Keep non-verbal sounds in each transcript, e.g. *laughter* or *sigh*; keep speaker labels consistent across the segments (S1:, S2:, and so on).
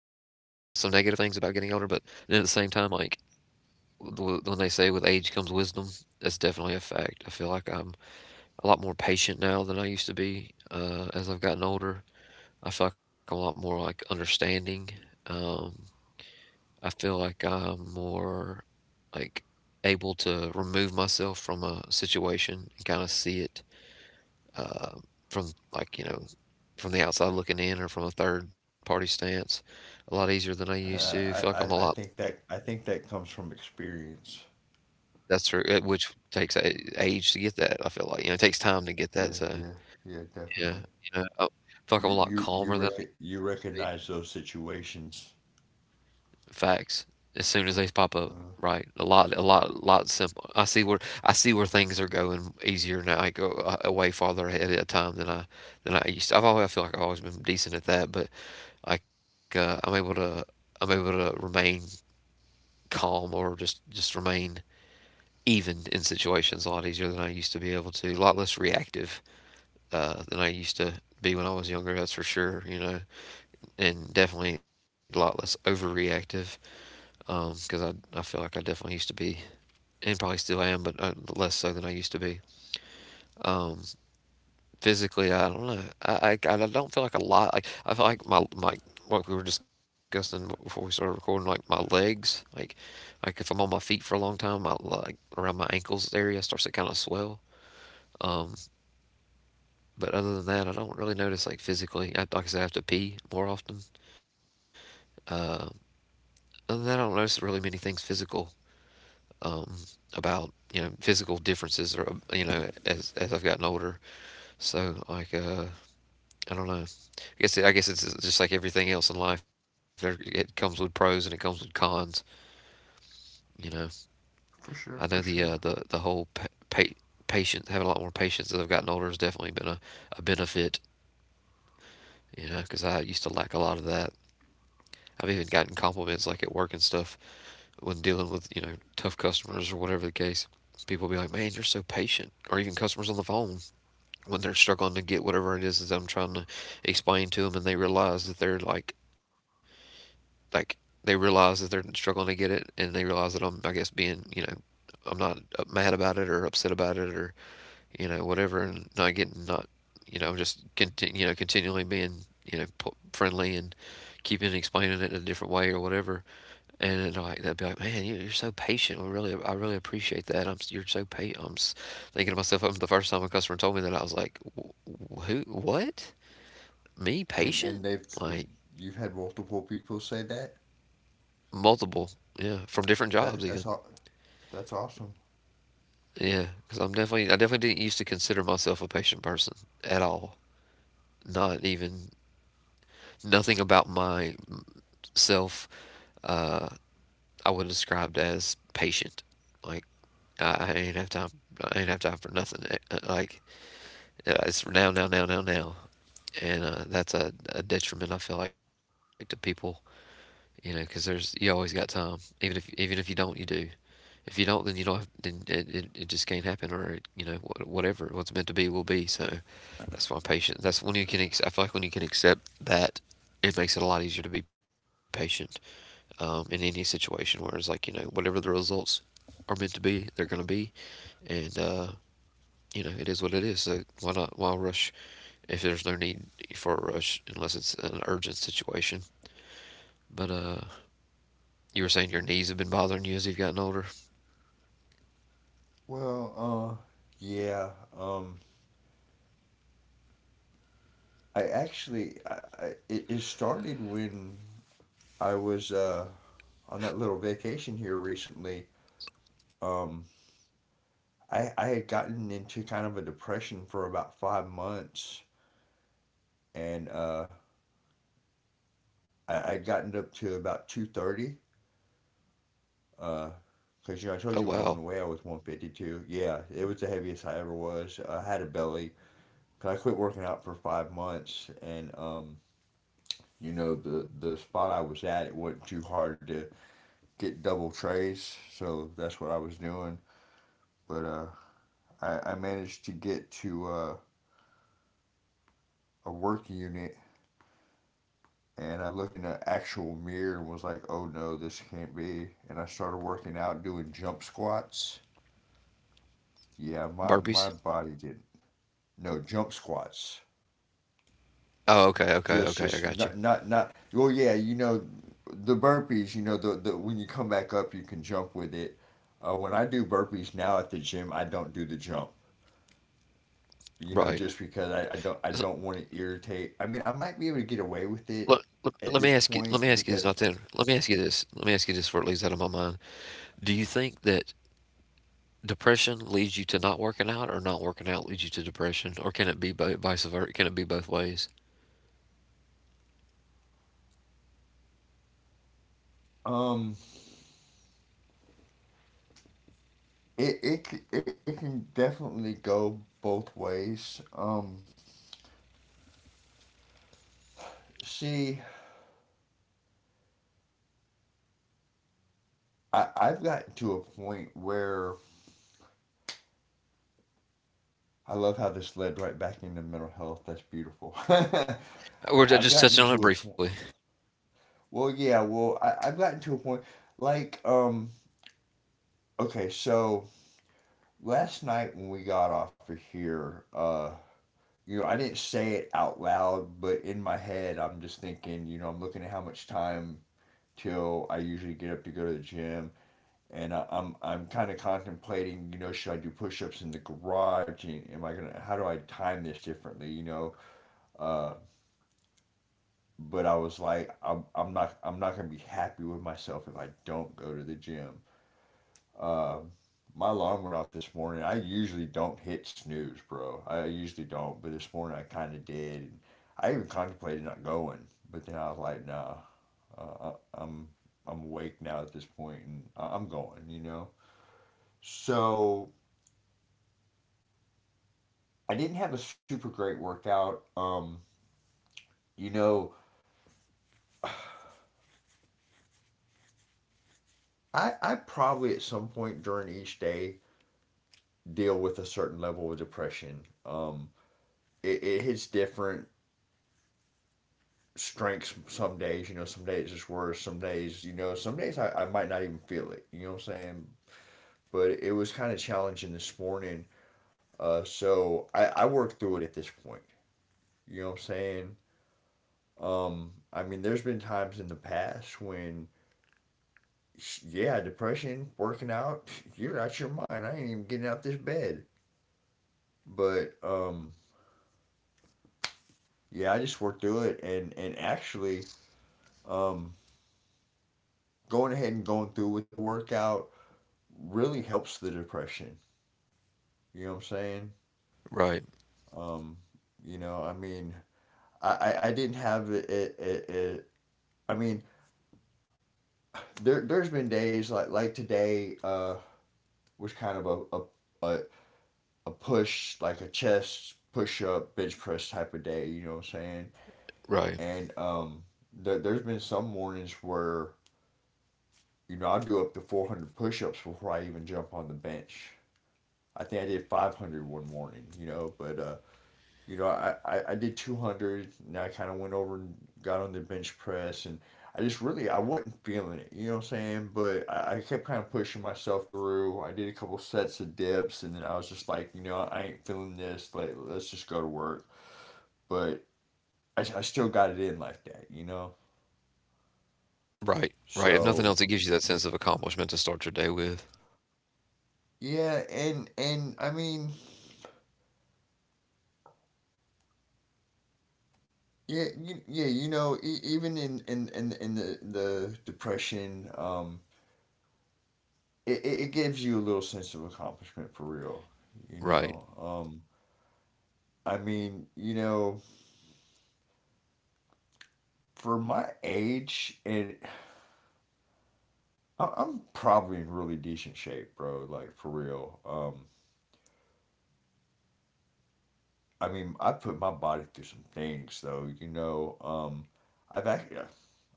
S1: things about getting older, but then at the same time, like when they say with age comes wisdom, that's definitely a fact. I feel like I'm a lot more patient now than I used to be as I've gotten older. I feel like I'm a lot more like understanding. Um, I feel like I'm more like able to remove myself from a situation and kind of see it uh, from like you know from the outside looking in or from a third party stance a lot easier than I used to. I feel like I'm
S2: Uh,
S1: a
S2: I,
S1: lot
S2: I I think that I think that comes from experience.
S1: that's true, which takes age to get that. I feel like you know it takes time to get that.
S2: Yeah,
S1: So
S2: yeah, yeah,
S1: yeah,
S2: definitely.
S1: you know I feel like I'm a
S2: You
S1: lot
S2: you
S1: calmer
S2: you
S1: than I used
S2: rec-
S1: to
S2: you
S1: be.
S2: recognize those situations,
S1: Facts. As soon as they pop up,
S2: uh,
S1: right? A lot, lot simple. I see where things are going easier now. I go away farther ahead at a time than I used. To. I feel like I've always been decent at that, but like I'm able to remain calm or just remain even in situations a lot easier than I used to be able to. A lot less reactive than I used to be when I was younger. That's for sure. You know, and definitely a lot less overreactive because I feel like I definitely used to be and probably still am, but less so than I used to be. Um, physically, I don't know. I don't feel like a lot. Like I feel like my what we were discussing before we started recording, like my legs, like if I'm on my feet for a long time, my like around my ankles area starts to kind of swell. Um, but other than that, I don't really notice like physically. I, like I said, I have to pee more often. Uh, other than that, I don't notice really many things physical um, about you know physical differences or you know as I've gotten older. So like I don't know. I guess it's just like everything else in life. There, it comes with pros and it comes with cons. You know, I know
S2: for sure, for
S1: the
S2: sure.
S1: whole patience, having a lot more patience as I've gotten older has definitely been a benefit. You know, because I used to lack a lot of that. I've even gotten compliments like at work and stuff when dealing with you know tough customers or whatever the case. People be like, "Man, you're so patient," or even customers on the phone when they're struggling to get whatever it is that I'm trying to explain to them, and they realize that they're like they realize that they're struggling to get it and they realize that I'm I guess being you know I'm not mad about it or upset about it or you know whatever and not getting not you know just continue you know continually being you know friendly and keeping explaining it in a different way or whatever and like they'd be like, man, you're so patient, I really appreciate that. I'm you're so patient. Thinking to myself, I'm the first time a customer told me that I was like, who what, me,
S2: And they've,
S1: patient?" Like,
S2: you've had multiple people say that.
S1: multiple, yeah, from different jobs
S2: That
S1: even.
S2: that's all. That's awesome.
S1: Yeah, because I'm definitely I definitely didn't used to consider myself a patient person at all. Not even nothing about myself. Uh, I would described as patient. Like I ain't have time. I ain't have time for nothing. Like it's now, now, now, now, now, and that's a detriment I feel like to people. You know, because there's you always got time. Even if you don't, you do. If you don't, then you don't. Have, then it just can't happen, or it, you know whatever. What's meant to be will be. So that's why patience. That's when you can. I feel like when you can accept that, it makes it a lot easier to be patient in any situation. Whereas, like you know, whatever the results are meant to be, they're gonna be, and you know, it is what it is. So why not? Why rush? If there's no need for a rush, unless it's an urgent situation. But you were saying your knees have been bothering you as you've gotten older.
S2: Well, uh, yeah. Um, I actually, it started when I was on that little vacation here recently. Um, I had gotten into kind of a depression for about 5 months, and I'd gotten up to about 230. Uh, 'Cause you know, I told
S1: Oh
S2: you when I went
S1: wow,
S2: away I was 152. Yeah, it was the heaviest I ever was. I had a belly. 'Cause I quit working out for 5 months, and you know, the spot I was at, it wasn't too hard to get double trays, so that's what I was doing. But I managed to get to a work unit, and I looked in an actual mirror and was like, "Oh no, this can't be." And I started working out doing jump squats. Yeah, my
S1: burpees.
S2: body did not no jump squats.
S1: Oh, okay, okay, okay. I
S2: Just
S1: got you.
S2: not not not. Well, yeah, you know, the burpees. You know, the when you come back up, you can jump with it. When I do burpees now at the gym, I don't do the jump. You know,
S1: Right.
S2: just because I don't want to irritate. I mean, I might be able to get away with it
S1: Let, let,
S2: at
S1: let me
S2: this
S1: ask you. Let
S2: point
S1: me ask you this.
S2: because
S1: Not then. Let me ask you this. Let me ask you this before it leaves out of my mind. Do you think that depression leads you to not working out, or not working out leads you to depression, or can it be both, vice versa? Can it be both ways?
S2: um it it it can definitely go both ways. See, I've gotten to a point where I love how this led right back into mental health. That's beautiful. *laughs*
S1: We're
S2: I've
S1: just
S2: gotten
S1: touching on it
S2: to a
S1: briefly.
S2: point. Well, yeah. Well, I've gotten to a point like. Okay, so last night when we got off of here, you know, I didn't say it out loud, but in my head, I'm just thinking, you know, I'm looking at how much time till I usually get up to go to the gym, and I'm kind of contemplating, you know, should I do push-ups in the garage? And am I gonna? How do I time this differently? You know, uh, but I was like, I'm not gonna be happy with myself if I don't go to the gym. Um my alarm went off this morning. I usually don't hit snooze, bro. I usually don't, but this morning I kind of did. And I even contemplated not going, but then I was like, nah, uh, I, I'm I'm awake now at this point, and I'm going. You know, so I didn't have a super great workout. You know, I probably at some point during each day deal with a certain level of depression. It hits different strengths some days. You know, some days it's worse. Some days, you know, some days I might not even feel it. You know what I'm saying? But it was kind of challenging this morning. So I worked through it at this point. You know what I'm saying? I mean, there's been times in the past when, yeah, depression, working out, *laughs* you're out your mind. I ain't even getting out this bed. But yeah, I just worked through it, and actually, um, going ahead and going through with the workout really helps the depression. You know what I'm saying?
S1: Right.
S2: Um, you know, I mean, I didn't have it. I mean, there's been days like today was kind of a a, a push, like a chest push up bench press type of day. You know what I'm saying?
S1: Right.
S2: And there's been some mornings where you know I'll do up to 400 push-ups before I even jump on the bench. I think I did 500 one morning, you know, but you know, I did 200 and I kind of went over and got on the bench press, and I just really, I wasn't feeling it, you know what I'm saying? But I kept kind of pushing myself through. I did a couple sets of dips and then I was just like, you know, I ain't feeling this. Like, let's just go to work. But I still got it in like that, you know?
S1: Right. Right. If nothing
S2: So
S1: else, it gives you that sense of accomplishment to start your day with.
S2: yeah, and I mean, yeah, you know, even in the depression, it gives you a little sense of accomplishment for real. You
S1: Right.
S2: know, I mean, you know, for my age, and I'm probably in really decent shape, bro. Like for real. I mean, I put my body through some things, though. You know, I've actually,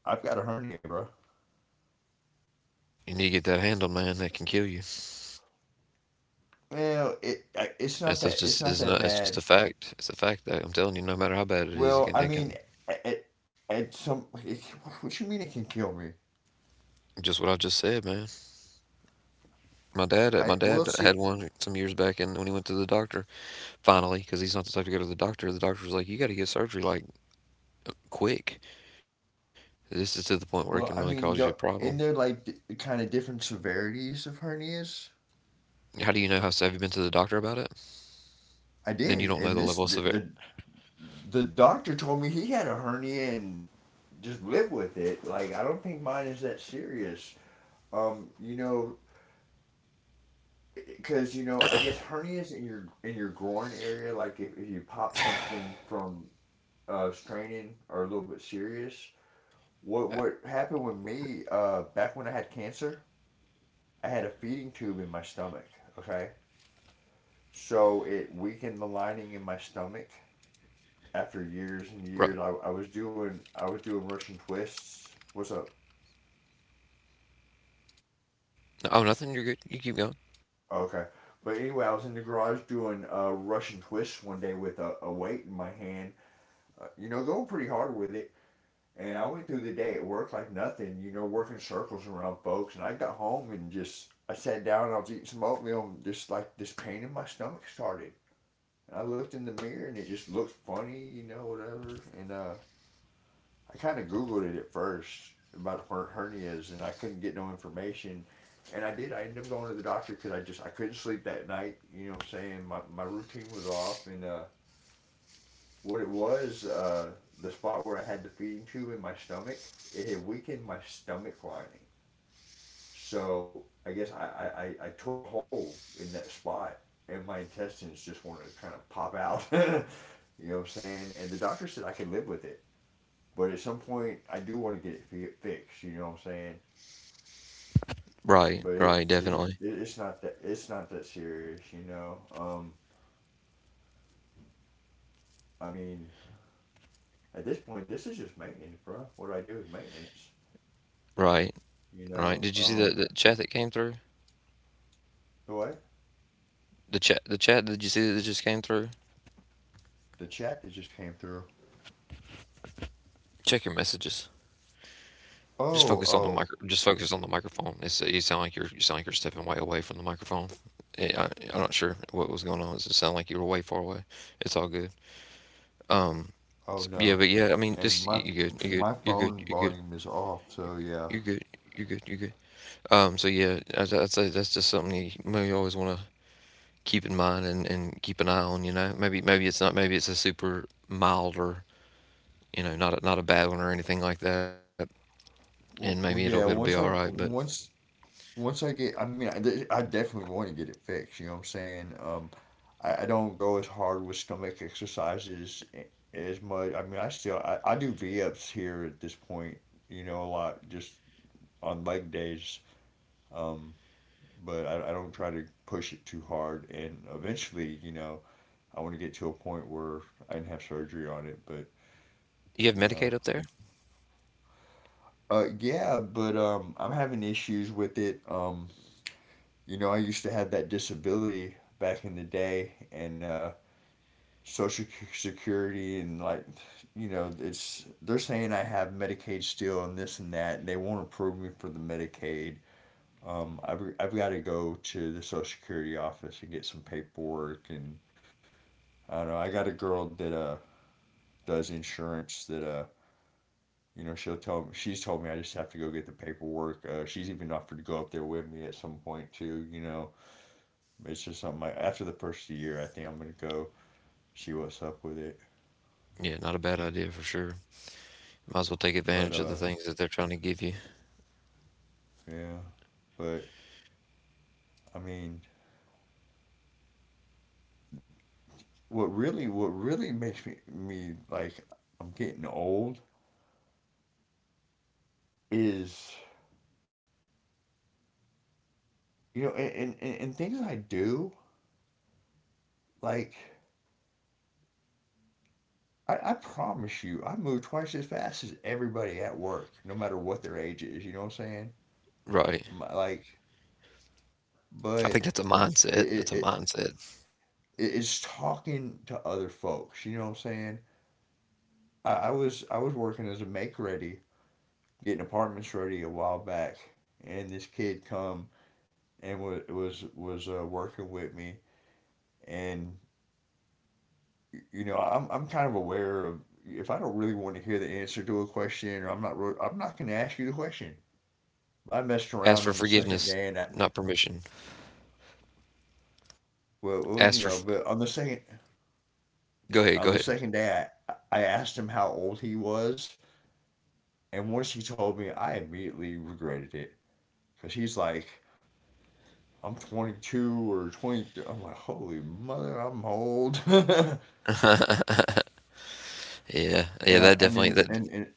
S2: I've got a hernia, bro.
S1: You need to get that handled, man. That can kill you.
S2: Well, it's not
S1: That's
S2: that, it's
S1: just.
S2: not
S1: It's
S2: that
S1: not. It's just
S2: bad.
S1: a fact. It's a fact that I'm telling you. No matter how bad it is, it
S2: Well,
S1: can.
S2: I
S1: It
S2: mean,
S1: can.
S2: it it some, it, what you mean it can kill me?
S1: Just what I just said, man.
S2: I,
S1: My
S2: we'll
S1: dad
S2: see.
S1: had one some years back, and when he went to the doctor, finally, because he's not the type to go to the doctor was like, "You got to get surgery like quick. This is to the point where it can
S2: Well, I
S1: really
S2: mean,
S1: cause you a
S2: don't,
S1: problem."
S2: in there, like, the, kind of different severities of hernias.
S1: How do you know? How so? Have you been to the doctor about it?
S2: I
S1: Then you
S2: did,
S1: don't know
S2: and
S1: the
S2: this
S1: level of severe.
S2: the doctor told me he had a hernia and just live with it. Like, I don't think mine is that serious. You know, because you know, I guess hernias in your groin area, like if you pop something from straining, are a little bit serious. What
S1: Uh,
S2: what happened with me? Back when I had cancer, I had a feeding tube in my stomach. Okay, so it weakened the lining in my stomach. After years and
S1: right?
S2: years, I was doing Russian twists. What's up?
S1: Oh, nothing. You're good. You keep going.
S2: Okay, but anyway, I was in the garage doing Russian twists one day with a weight in my hand. You know, going pretty hard with it. And I went through the day at work like nothing, you know, working circles around folks. And I got home and just, I sat down and I was eating some oatmeal, and just like this pain in my stomach started. And I looked in the mirror and it just looked funny, you know, whatever. And I kind of Googled it at first about hernias and I couldn't get no information. And I did. I ended up going to the doctor because I just, I couldn't sleep that night. You know what I'm saying? My routine was off, and what it was, the spot where I had the feeding tube in my stomach, it had weakened my stomach lining. So I guess tore a hole in that spot, and my intestines just wanted to kind of pop out. *laughs* You know what I'm saying? And the doctor said I could live with it. But at some point, I do want to get it fixed. You know what I'm saying?
S1: Right.
S2: But
S1: Right. Definitely.
S2: it's not that, it's not that serious. You know. I mean, at this point, this is just maintenance, bro. What I do is maintenance.
S1: Right.
S2: You know.
S1: Right. Did you see the chat that came through?
S2: Do I
S1: The chat. The chat. Did you see that just came through?
S2: the chat that just came through.
S1: Check your messages. Just
S2: Oh,
S1: focus on the
S2: oh,
S1: micro just focus on the microphone. It's you sound like you're you sound like you're stepping way away from the microphone. I'm not sure what was going on. It just sounded like you were way far away. It's all good. Um,
S2: oh no.
S1: yeah, but yeah, I mean,
S2: And
S1: just you're good, you're
S2: my
S1: good, you're good,
S2: phone
S1: you're good,
S2: volume is off, so yeah.
S1: you're good, you're good, you're good. So yeah, I'd say that's just something you maybe always want to keep in mind and keep an eye on. You know, maybe maybe it's not maybe it's a super milder, you know, not a, not a bad one or anything like that, and maybe
S2: Well,
S1: it'll
S2: well
S1: it'll be
S2: yeah,
S1: all right. But
S2: once I get, I mean, I definitely want to get it fixed, you know what I'm saying? I don't go as hard with stomach exercises as much. I mean, I do V-ups here at this point, you know, a lot, just on leg days. Um but I don't try to push it too hard, and eventually, you know, I want to get to a point where I can have surgery on it, but
S1: you have
S2: you
S1: Medicaid
S2: know.
S1: up there?
S2: Yeah, but I'm having issues with it. You know, I used to have that disability back in the day, and Social Security and like, you know, it's, they're saying I have Medicaid still and this and that, and they won't approve me for the Medicaid. I've got to go to the Social Security office and get some paperwork, and I don't know. I got a girl that does insurance that you know, she's told me I just have to go get the paperwork. She's even offered to go up there with me at some point too. You know, it's just something. Like, after the first year, I think I'm gonna go see what's up with it.
S1: Yeah, not a bad idea for sure. Might as well take
S2: But
S1: advantage of the things that they're trying to give you.
S2: yeah, but I mean, what really makes me like I'm getting old is, you know, and things I do like. I promise you, I move twice as fast as everybody at work, no matter what their age is. You know what I'm saying?
S1: Right.
S2: My, like,
S1: I
S2: but
S1: think that's a
S2: it, it,
S1: mindset. That's
S2: is
S1: a
S2: it
S1: mindset.
S2: it's talking to other folks. You know what I'm saying? I was working as a make ready, getting apartments ready a while back, and this kid come and was working with me, and you know I'm kind of aware of if I don't really want to hear the answer to a question, or I'm not going to ask you the question. But I messed
S1: Ask
S2: around
S1: for
S2: on the second
S1: forgiveness,
S2: day, and I
S1: not permission.
S2: well, well
S1: Ask
S2: you
S1: for
S2: know,
S1: f-
S2: but
S1: Go ahead, go
S2: on the
S1: ahead.
S2: second day, I asked him how old he was, and once he told me, I immediately regretted it because he's like, I'm 22 or 23. I'm like, holy mother, I'm old. *laughs* And
S1: *laughs* Yeah. Yeah,
S2: I,
S1: that
S2: I
S1: definitely
S2: mean,
S1: that
S2: and, and,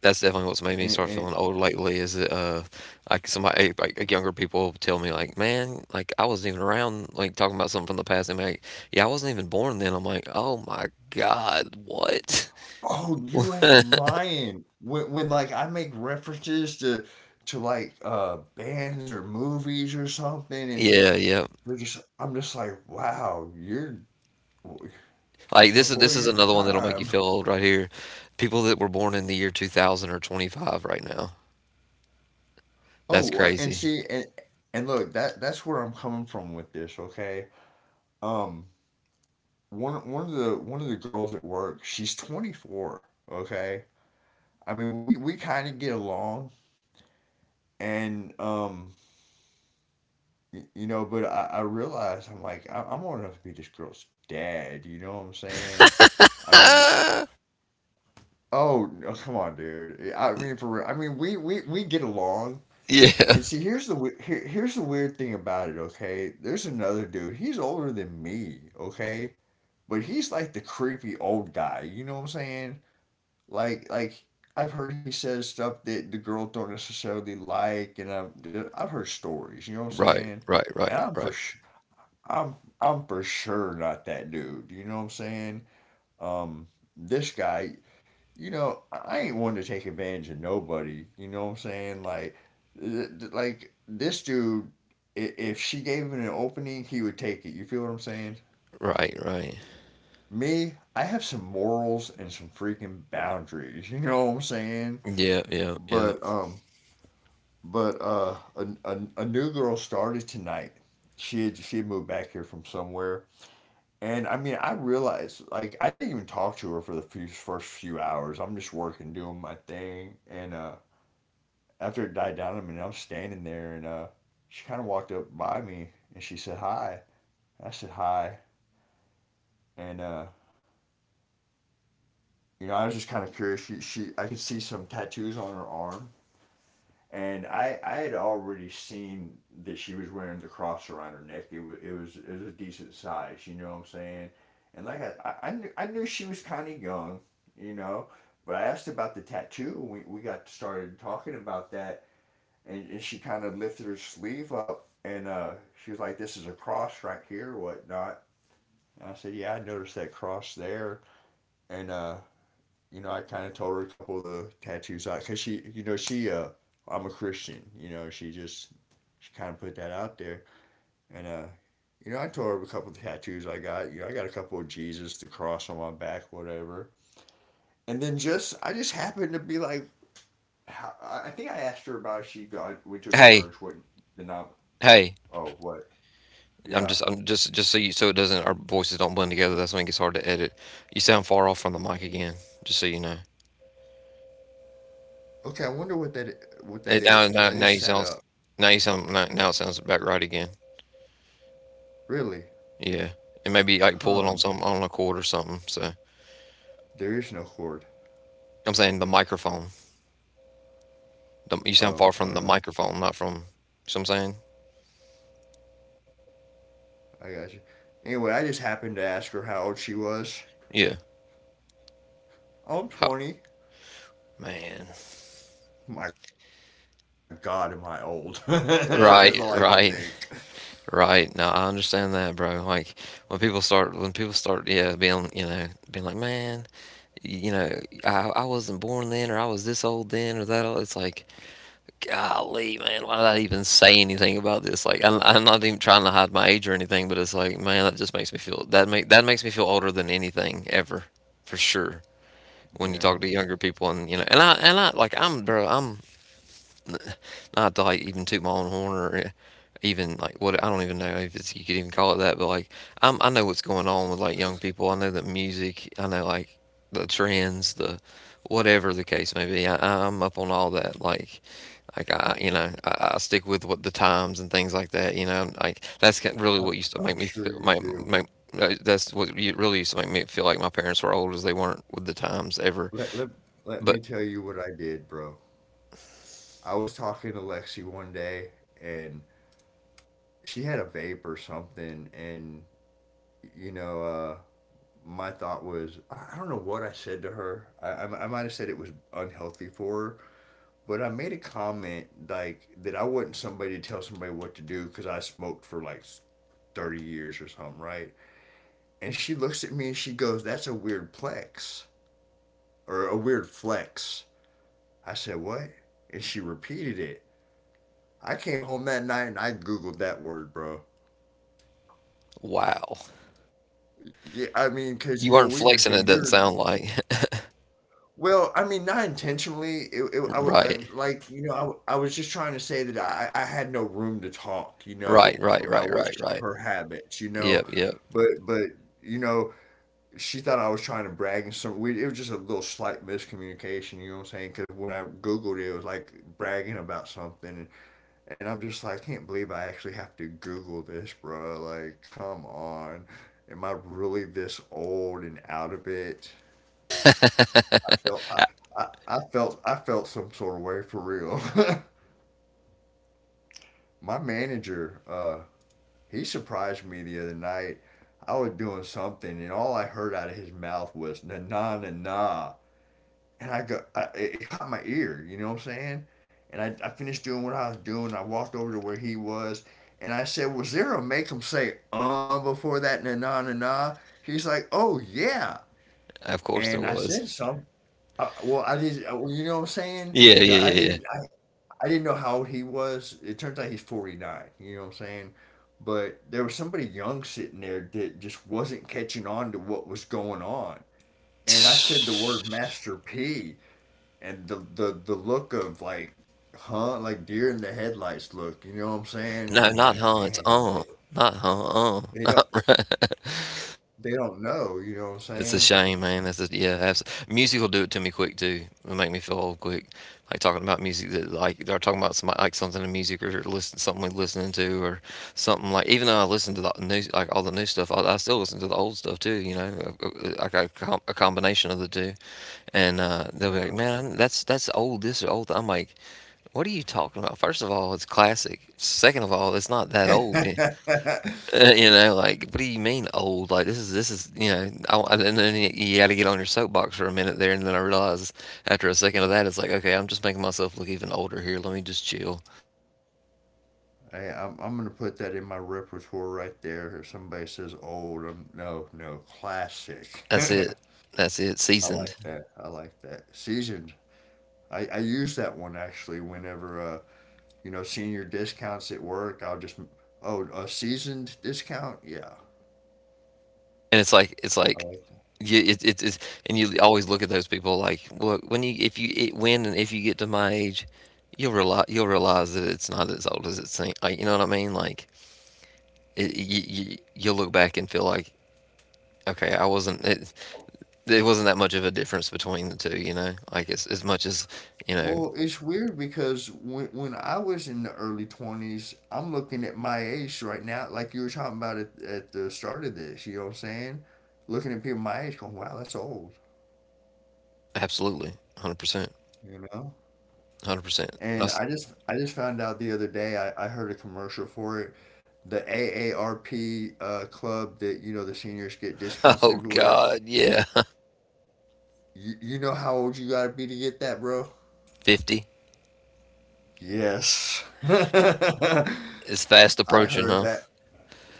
S1: that's definitely what's made me
S2: and,
S1: start
S2: and,
S1: feeling old lately is that like somebody like, younger people tell me like, "Man, like I wasn't even around like talking about something from the past." And like, "Yeah, I wasn't even born then." I'm like, "Oh my God, what?"
S2: oh, you ain't
S1: *laughs*
S2: lying. When like I make references to like bands or movies or something, and
S1: Yeah, yeah.
S2: I'm just like, wow,
S1: Like
S2: it's before
S1: this is
S2: your
S1: another one that'll make you
S2: time.
S1: feel old right here. People that were born in the year 2000 are 25 right now. That's
S2: Oh, and
S1: crazy.
S2: see, and look, that that's where I'm coming from with this, okay? Um, one of the girls at work, she's 24, okay? I mean, we kind of get along and you know, but I realized I'm old enough to be this girl's dad, you know what I'm saying?
S1: *laughs*
S2: I mean,
S1: yeah.
S2: oh, no, come on, dude. I mean, for real. I mean, we get along. And see, here, here's the weird thing about it, okay? There's another dude. He's older than me, okay? But he's like the creepy old guy, you know what I'm saying? Like I've heard he says stuff that the girls don't necessarily like, and I've heard stories. You know what I'm
S1: Right.
S2: saying?
S1: Right.
S2: And
S1: Right. Right.
S2: I'm for sure not that dude. You know what I'm saying? Um, this guy, you know, I ain't one to take advantage of nobody. You know what I'm saying? Like, like this dude, if she gave him an opening, he would take it. You feel what I'm saying?
S1: Right. Right.
S2: Me, I have some morals and some freaking boundaries. *laughs* You know what I'm saying?
S1: Yeah. Yeah. Yeah.
S2: But um, But a new girl started tonight. She had moved back here from somewhere. And I mean, I realized, like, I didn't even talk to her for first few hours. I'm just working, doing my thing. And after it died down, I mean, I was standing there and she kind of walked up by me and she said, hi. I said, hi. And, you know, I was just kind of curious. I could see some tattoos on her arm and I had already seen that she was wearing the cross around her neck. It was a decent size, you know what I'm saying? And like I knew she was kind of young, you know. But I asked about the tattoo. We got started talking about that, and she kind of lifted her sleeve up, and she was like, "This is a cross right here, or whatnot." And I said, "Yeah, I noticed that cross there." And you know, I kind of told her a couple of the tattoos out because she, you know, she, I'm a Christian, you know, she kind of put that out there. And, you know, I told her a couple of the tattoos I got. You know, I got a couple of Jesus, the cross on my back, whatever. And then I just happened to be like, I think I asked her about if she got, went to a
S1: Hey.
S2: church, what, the nom,
S1: Hey.
S2: oh, what,
S1: I'm
S2: yeah.
S1: just. I'm just. Just so you. So it doesn't. Our voices don't blend together. That's when it gets hard to edit. You sound far off from the mic again. Just so you know.
S2: Okay, I wonder what that
S1: And now.
S2: is, because
S1: Now.
S2: I
S1: Now
S2: just
S1: you
S2: sat
S1: sound.
S2: up.
S1: Now you sound. Now it sounds back right again.
S2: Really?
S1: Yeah. And maybe like pull it on
S2: Huh.
S1: some on a cord or something. So
S2: There is no cord.
S1: I'm saying the microphone. The, you sound far
S2: Oh,
S1: from
S2: I
S1: the
S2: don't know.
S1: microphone, not from. You know what I'm saying?
S2: I got you. Anyway, I just happened to ask her how old she was.
S1: Yeah. How,
S2: Oh, I'm 20.
S1: man.
S2: My God, am I old? *laughs* That's
S1: Right,
S2: all I could
S1: right,
S2: think.
S1: right. No, I understand that, bro. Like when people start, yeah, being, you know, being like, man, you know, I wasn't born then, or I was this old then, or that old. It's like, golly, man, why did I even say anything about this? Like, I'm not even trying to hide my age or anything, but it's like, man, that just makes me feel that makes me feel older than anything ever, for sure. When you talk to younger
S2: Yeah,
S1: people, and you know and I like I'm, bro, I'm not to like even toot my own horn or even like what, I don't even know if it's, you could even call it that, but like I'm, I know what's going on with like young people, I know the music, I know like the trends, the whatever the case may be. I'm up on all that. Like I, I stick with what the times and things like that, like that's really what
S2: I'm,
S1: used to make me
S2: I'm
S1: feel
S2: sure
S1: my
S2: you
S1: my
S2: do.
S1: that's really used to make me feel like my parents were old, as they weren't with the times ever,
S2: Let, let, let
S1: but
S2: me tell you what I did, bro. I was talking to Lexi one day, and she had a vape or something, and you know, uh, my thought was, I don't know what I said to her. I might have said it was unhealthy for her, but I made a comment like that I wasn't somebody to tell somebody what to do because I smoked for like 30 years or something, right? And she looks at me and she goes, that's a weird plex or a weird flex. I said, what? And she repeated it. I came home that night and I Googled that word, bro.
S1: wow.
S2: Yeah, I mean, because,
S1: You weren't flexing, it doesn't sound like. *laughs*
S2: well, I mean, not intentionally. It, I, w-
S1: Right.
S2: I- like, you know, I was just trying to say that I had no room to talk, you
S1: Right,
S2: know,
S1: right,
S2: about
S1: right,
S2: what
S1: right,
S2: sh
S1: right.
S2: her habits, you know,
S1: Yep, yep.
S2: but you know, she thought I was trying to brag and some. We, it was just a little slight miscommunication, you know what I'm saying? Because when I Googled it, it was like bragging about something, and I'm just like, I can't believe I actually have to Google this, bro. Like, come on, am I really this old and out of it? I felt I, I, I felt some sort of way for real. *laughs* My manager, he surprised me the other night. I was doing something, and all I heard out of his mouth was na na na na, and I go, it caught my ear. You know what I'm saying? And I finished doing what I was doing. I walked over to where he was, and I said, "Was there a make him say before that na na na na?" He's like, "Oh yeah,"
S1: Of course there
S2: and I
S1: was.
S2: said something. You know what I'm saying?
S1: Yeah,
S2: 'Cause
S1: yeah,
S2: I
S1: yeah, yeah.
S2: didn't. I didn't know how old he was. It turns out he's 49. You know what I'm saying? But there was somebody young sitting there that just wasn't catching on to what was going on. And I said the word
S1: *sighs*
S2: Master P, and the look of like, huh, like deer in the headlights look. You know what I'm saying? And
S1: No,
S2: I'm
S1: not
S2: like,
S1: Hans.
S2: man,
S1: Not Hans.
S2: they don't
S1: *laughs* Not right.
S2: they don't know. You know what
S1: It's a
S2: I'm
S1: shame, man. That's a, yeah. Music will do it to me quick too. It'll make me feel old quick. Like talking about music, that like they're talking about some like something in music or listen something we're listening to or something like. Even though I listen to the new, like all the new stuff, I still listen to the old stuff too. You know, like a, a combination of the two. And they'll be like,
S2: saying?
S1: "Man, that's old. This is old." I'm like, "What are you talking about?" First of all, it's classic. Second of all, it's not that old. Eh?
S2: Yeah.
S1: *laughs*
S2: *laughs*
S1: You know, like, what do you mean old? Like, this is you know, and then you got to get on your soapbox for a minute there, and then I realize after a second of that, it's like, okay, I'm just making myself look even older here. Let me just chill.
S2: Hey, I'm gonna put that in my repertoire right there. If somebody says old, no, no, classic.
S1: That's it.
S2: *laughs*
S1: That's it.
S2: I
S1: Seasoned.
S2: like that. I like that. Seasoned. I use that one actually whenever you know senior discounts at work. I'll just oh a seasoned discount. Yeah,
S1: And it's like, it's
S2: I
S1: like
S2: like that.
S1: you, it, it's and you always look at those people like, well, when you if you it, when and if you get to my age, you'll realize that it's not as old as it seems. Like, you know what I mean? Like, it, you, you you'll look back and feel like, okay, I wasn't. It wasn't that much of a difference between the two, you know. Like it's as much as, you know,
S2: Well, it's weird because when I was in the early twenties, I'm looking at my age right now. Like you were talking about at the start of this, you know what I'm saying? Looking at people my age, going, wow, that's old.
S1: absolutely, 100%,
S2: You know.
S1: 100%.
S2: And I just found out the other day I heard a commercial for it. The AARP club that you know the seniors get
S1: *laughs*
S2: discounts
S1: Oh
S2: everywhere.
S1: God, yeah,
S2: You know how old you gotta be to get that, bro?
S1: 50
S2: Yes. *laughs*
S1: is fast approaching,
S2: Heard
S1: huh?
S2: that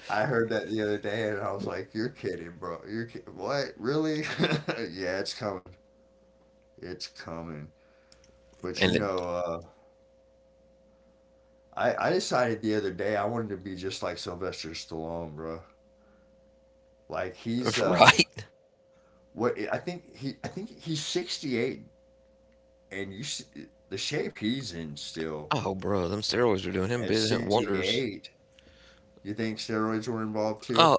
S2: I heard that the other day and I was like, "You're kidding, bro. You're ki- what? Really?" *laughs* Yeah, it's coming. It's coming. But you
S1: And it,
S2: know, I decided the other day I wanted to be just like Sylvester Stallone, bro. Like he's
S1: *laughs* right?
S2: what I think he I think he's 68 and you s- the shape he's in still
S1: Oh, bro, them steroids are doing him
S2: at
S1: big wonders.
S2: 68. You think steroids were involved too?
S1: Oh,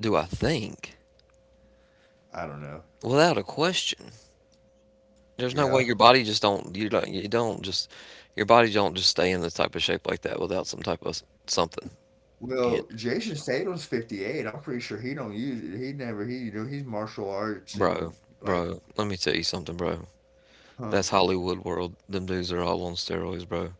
S1: do I think?
S2: I don't know.
S1: Without a question, there's no way
S2: Yeah,
S1: your body just don't, your body don't just stay in the type of shape like that without some type of something. Yeah,
S2: well, Jason Statham's 58. I'm pretty sure he don't use it. He never he you know, he's martial arts
S1: bro,
S2: and like.
S1: bro, let me tell you something, bro.
S2: Huh
S1: That's Hollywood world. Them dudes are all on steroids, bro.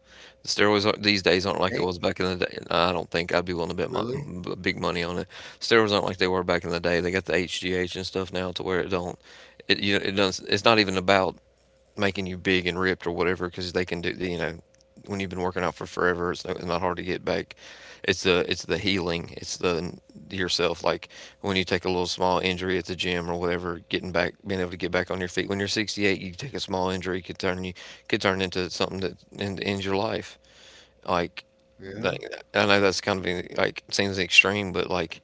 S1: The steroids aren't, these days aren't like it was
S2: think
S1: back in the day. I don't think, I'd be willing to bet my
S2: really
S1: big money on it. Steroids aren't like they were back in the day. They got the HGH and stuff now to where it don't. It, you know, it doesn't. It's not even about making you big and ripped or whatever, because they can do, you know, when you've been working out for forever, it's not hard to get back. It's the, it's the healing, it's the yourself, like when you take a little small injury at the gym or whatever, getting back, being able to get back on your feet when you're 68, you take a small injury, could turn you could turn into something that ends your life. like
S2: yeah
S1: like, I know that's kind of like, seems extreme, but like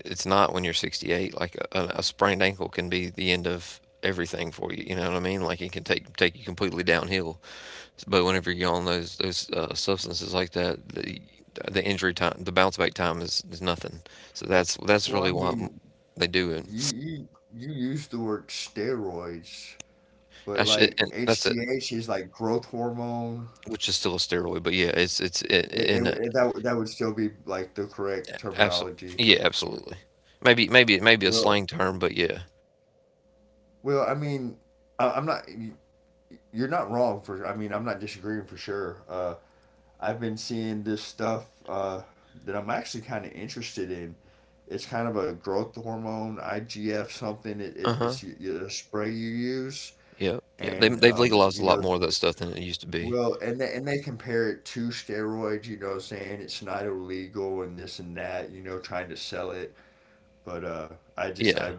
S1: it's not when you're 68. Like a sprained ankle can be the end of everything for you. You know what I mean? Like it can take you completely downhill. But whenever you're on those substances like that, the injury time, the bounce back time is nothing. So that's
S2: well I
S1: really why
S2: mean,
S1: they do it.
S2: you you you use the word steroids but
S1: I should,
S2: like
S1: and that's it,
S2: HGH is like growth hormone.
S1: which is still a steroid. But yeah, it's in a-
S2: That that would still be like the correct
S1: abso-
S2: terminology.
S1: yeah, absolutely. Maybe, it may be a
S2: Well,
S1: slang term, but yeah.
S2: I mean, I'm not. You're not wrong for. I mean, I'm not disagreeing for sure. I've been seeing this stuff that I'm actually kind of interested in. It's kind of a growth hormone, IGF something. It,
S1: Uh
S2: it,
S1: huh.
S2: it's y- y- a spray you use,
S1: Yeah. Yeah. They
S2: and
S1: they've legalized
S2: you
S1: a lot
S2: know,
S1: more of that stuff than it used to be.
S2: well, and they compare it to steroids. You know, saying it's not illegal and this and that. You know, trying to sell it but I just
S1: Yeah.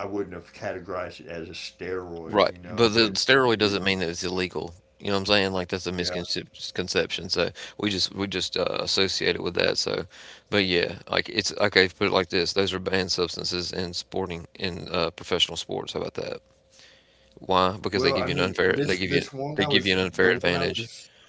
S2: I wouldn't have categorized it as a steroid,
S1: Right,
S2: you
S1: but
S2: know,
S1: the
S2: but
S1: steroid
S2: you,
S1: doesn't mean that it's illegal. You know what I'm saying? Like that's a
S2: yeah.
S1: misconception. So we just associate it with that. So, but yeah, like it's okay. Put it like this: those are banned substances in sporting, in professional sports. How about that? Why? Because they give
S2: Well,
S1: you an
S2: I mean,
S1: unfair,
S2: this
S1: they
S2: one I
S1: give you an
S2: was
S1: unfair
S2: the one I
S1: advantage.
S2: was.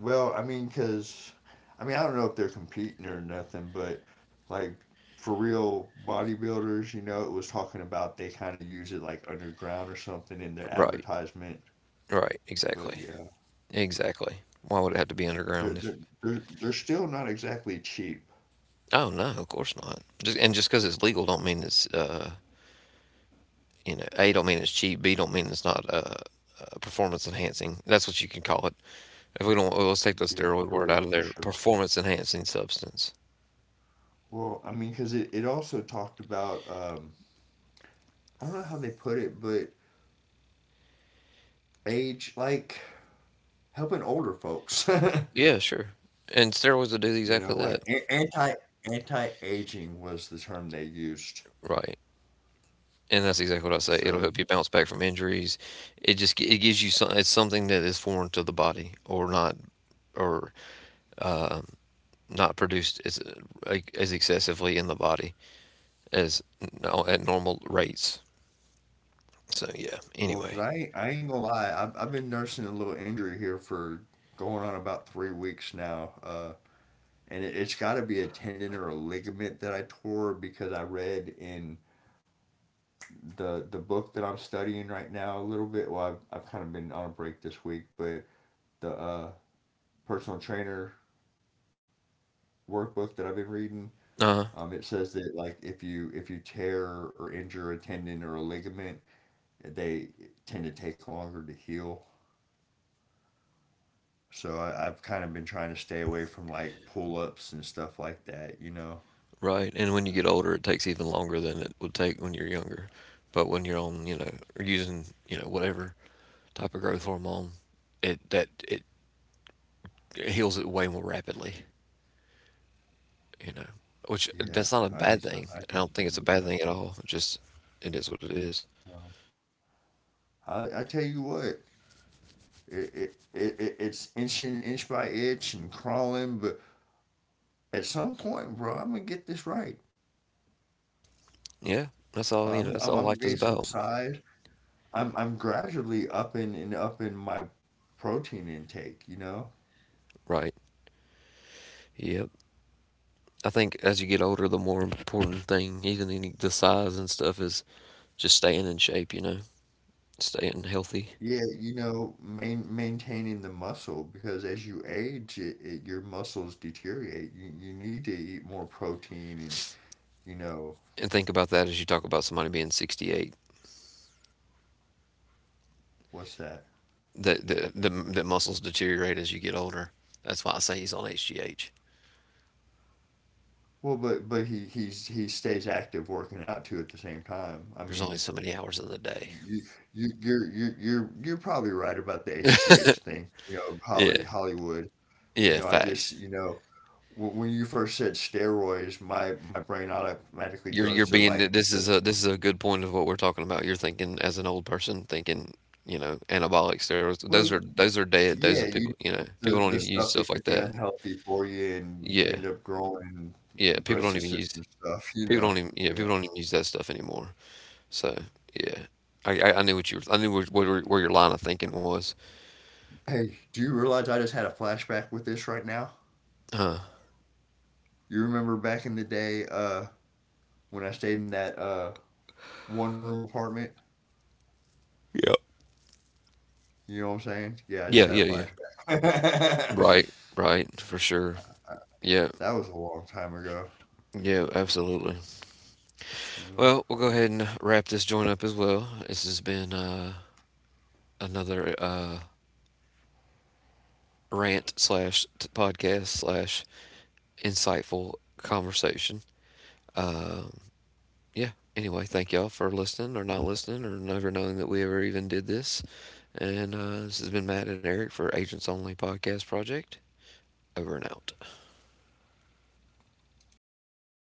S2: Well, I mean, cause I mean I don't know if they're competing or nothing, but like for real bodybuilders, you know, it was talking about they kind of use it like underground or something in their
S1: Right,
S2: advertisement.
S1: right,
S2: But
S1: exactly,
S2: yeah,
S1: exactly. Why would it have to be underground? If,
S2: they're still not exactly cheap.
S1: oh no, of course not. Just, and just because it's legal don't mean it's you know, A, don't mean it's cheap. B, don't mean it's not performance enhancing. That's what you can call it. If we don't, well, let's take the
S2: Yeah,
S1: steroid
S2: for
S1: word
S2: real,
S1: out of
S2: for
S1: there.
S2: sure.
S1: Performance enhancing substance.
S2: Well, I mean, because it also talked about, I don't know how they put it, but age like helping older folks.
S1: Yeah, sure. And steroids will do
S2: *laughs* You
S1: exactly
S2: know,
S1: that,
S2: like anti aging was the term they used.
S1: right? And that's exactly what I say. It'll
S2: So,
S1: help you bounce back from injuries. It just it gives you some. It's something that is foreign to the body, or not, or not produced as like, as excessively in the body as at normal rates. So yeah.
S2: well, because
S1: Anyway.
S2: I ain't gonna lie, I've been nursing a little injury here for going on about 3 weeks now. And it's got to be a tendon or a ligament that I tore because I read in the book that I'm studying right now a little bit. Well, I've kind of been on a break this week, but the personal trainer workbook that I've been reading.
S1: Uh huh.
S2: It says that like if you tear or injure a tendon or a ligament, they tend to take longer to heal. So I've kind of been trying to stay away from like pull ups and stuff like that, you know.
S1: Right. And when you get older, it takes even longer than it would take when you're younger. But when you're on, you know, or using, you know, whatever type of growth hormone, it heals it way more rapidly, you know. Which
S2: Yeah,
S1: that's not a
S2: I need
S1: bad
S2: some.
S1: thing.
S2: I
S1: I
S2: need
S1: don't think it's
S2: something
S1: a
S2: like
S1: bad
S2: that.
S1: thing at all. It just, it is what it is.
S2: No. I tell you what, it's inching inch by inch and crawling, but at some point, bro, I'm gonna get this right.
S1: Yeah. That's all, you know, that's all
S2: I'm
S1: life
S2: gonna
S1: is
S2: get some
S1: about.
S2: size. I'm gradually upping and upping my protein intake, you know?
S1: Right. Yep. I think as you get older, the more important thing, even in the size and stuff, is just staying in shape, you know, staying healthy.
S2: Yeah, you know, maintaining the muscle because as you age, your muscles deteriorate. You need to eat more protein and, you know,
S1: And think about that as you talk about somebody being 68,
S2: what's that?
S1: the, the muscles deteriorate as you get older. That's why I say he's on HGH.
S2: Well, but he stays active working out too at the same time. I
S1: There's
S2: mean,
S1: only so many hours in the day.
S2: you you're probably right about the HGH thing, you know,
S1: Yeah,
S2: Hollywood. You
S1: yeah,
S2: know, I just,
S1: facts.
S2: you know, when you first said steroids, my brain automatically
S1: You're
S2: goes to
S1: being
S2: like
S1: this is
S2: the
S1: a, this is a good point of what we're talking about. You're thinking as an old person, thinking, you know, anabolic steroids.
S2: well,
S1: Those are, those are dead.
S2: yeah,
S1: Those are,
S2: you
S1: people, you know, people don't
S2: the
S1: even use
S2: stuff
S1: stuff
S2: that can
S1: like
S2: be
S1: that.
S2: unhealthy for you, and you
S1: Yeah,
S2: end up growing
S1: yeah. People
S2: breast
S1: don't even
S2: cysts
S1: use,
S2: and stuff. You
S1: people don't
S2: know,
S1: even, yeah,
S2: yeah.
S1: people don't even use that stuff anymore. So yeah, I knew what you were, I knew where, where your line of thinking was.
S2: Hey, do you realize I just had a flashback with this right now? You remember back in the day, when I stayed in that one room apartment?
S1: Yeah.
S2: You know what I'm saying? Yeah, I just
S1: Yeah,
S2: had a
S1: yeah, yeah.
S2: flashback. *laughs*
S1: Right, right, for sure. Yeah,
S2: That was a long time ago.
S1: yeah, absolutely.
S2: Uh,
S1: Well, we'll go ahead and wrap this joint up as well. This has been another rant slash podcast slash insightful conversation. Yeah. Anyway, thank y'all for listening or not listening or never knowing that we ever even did this. And this has been Matt and Eric for Agents Only Podcast Project. Over and out.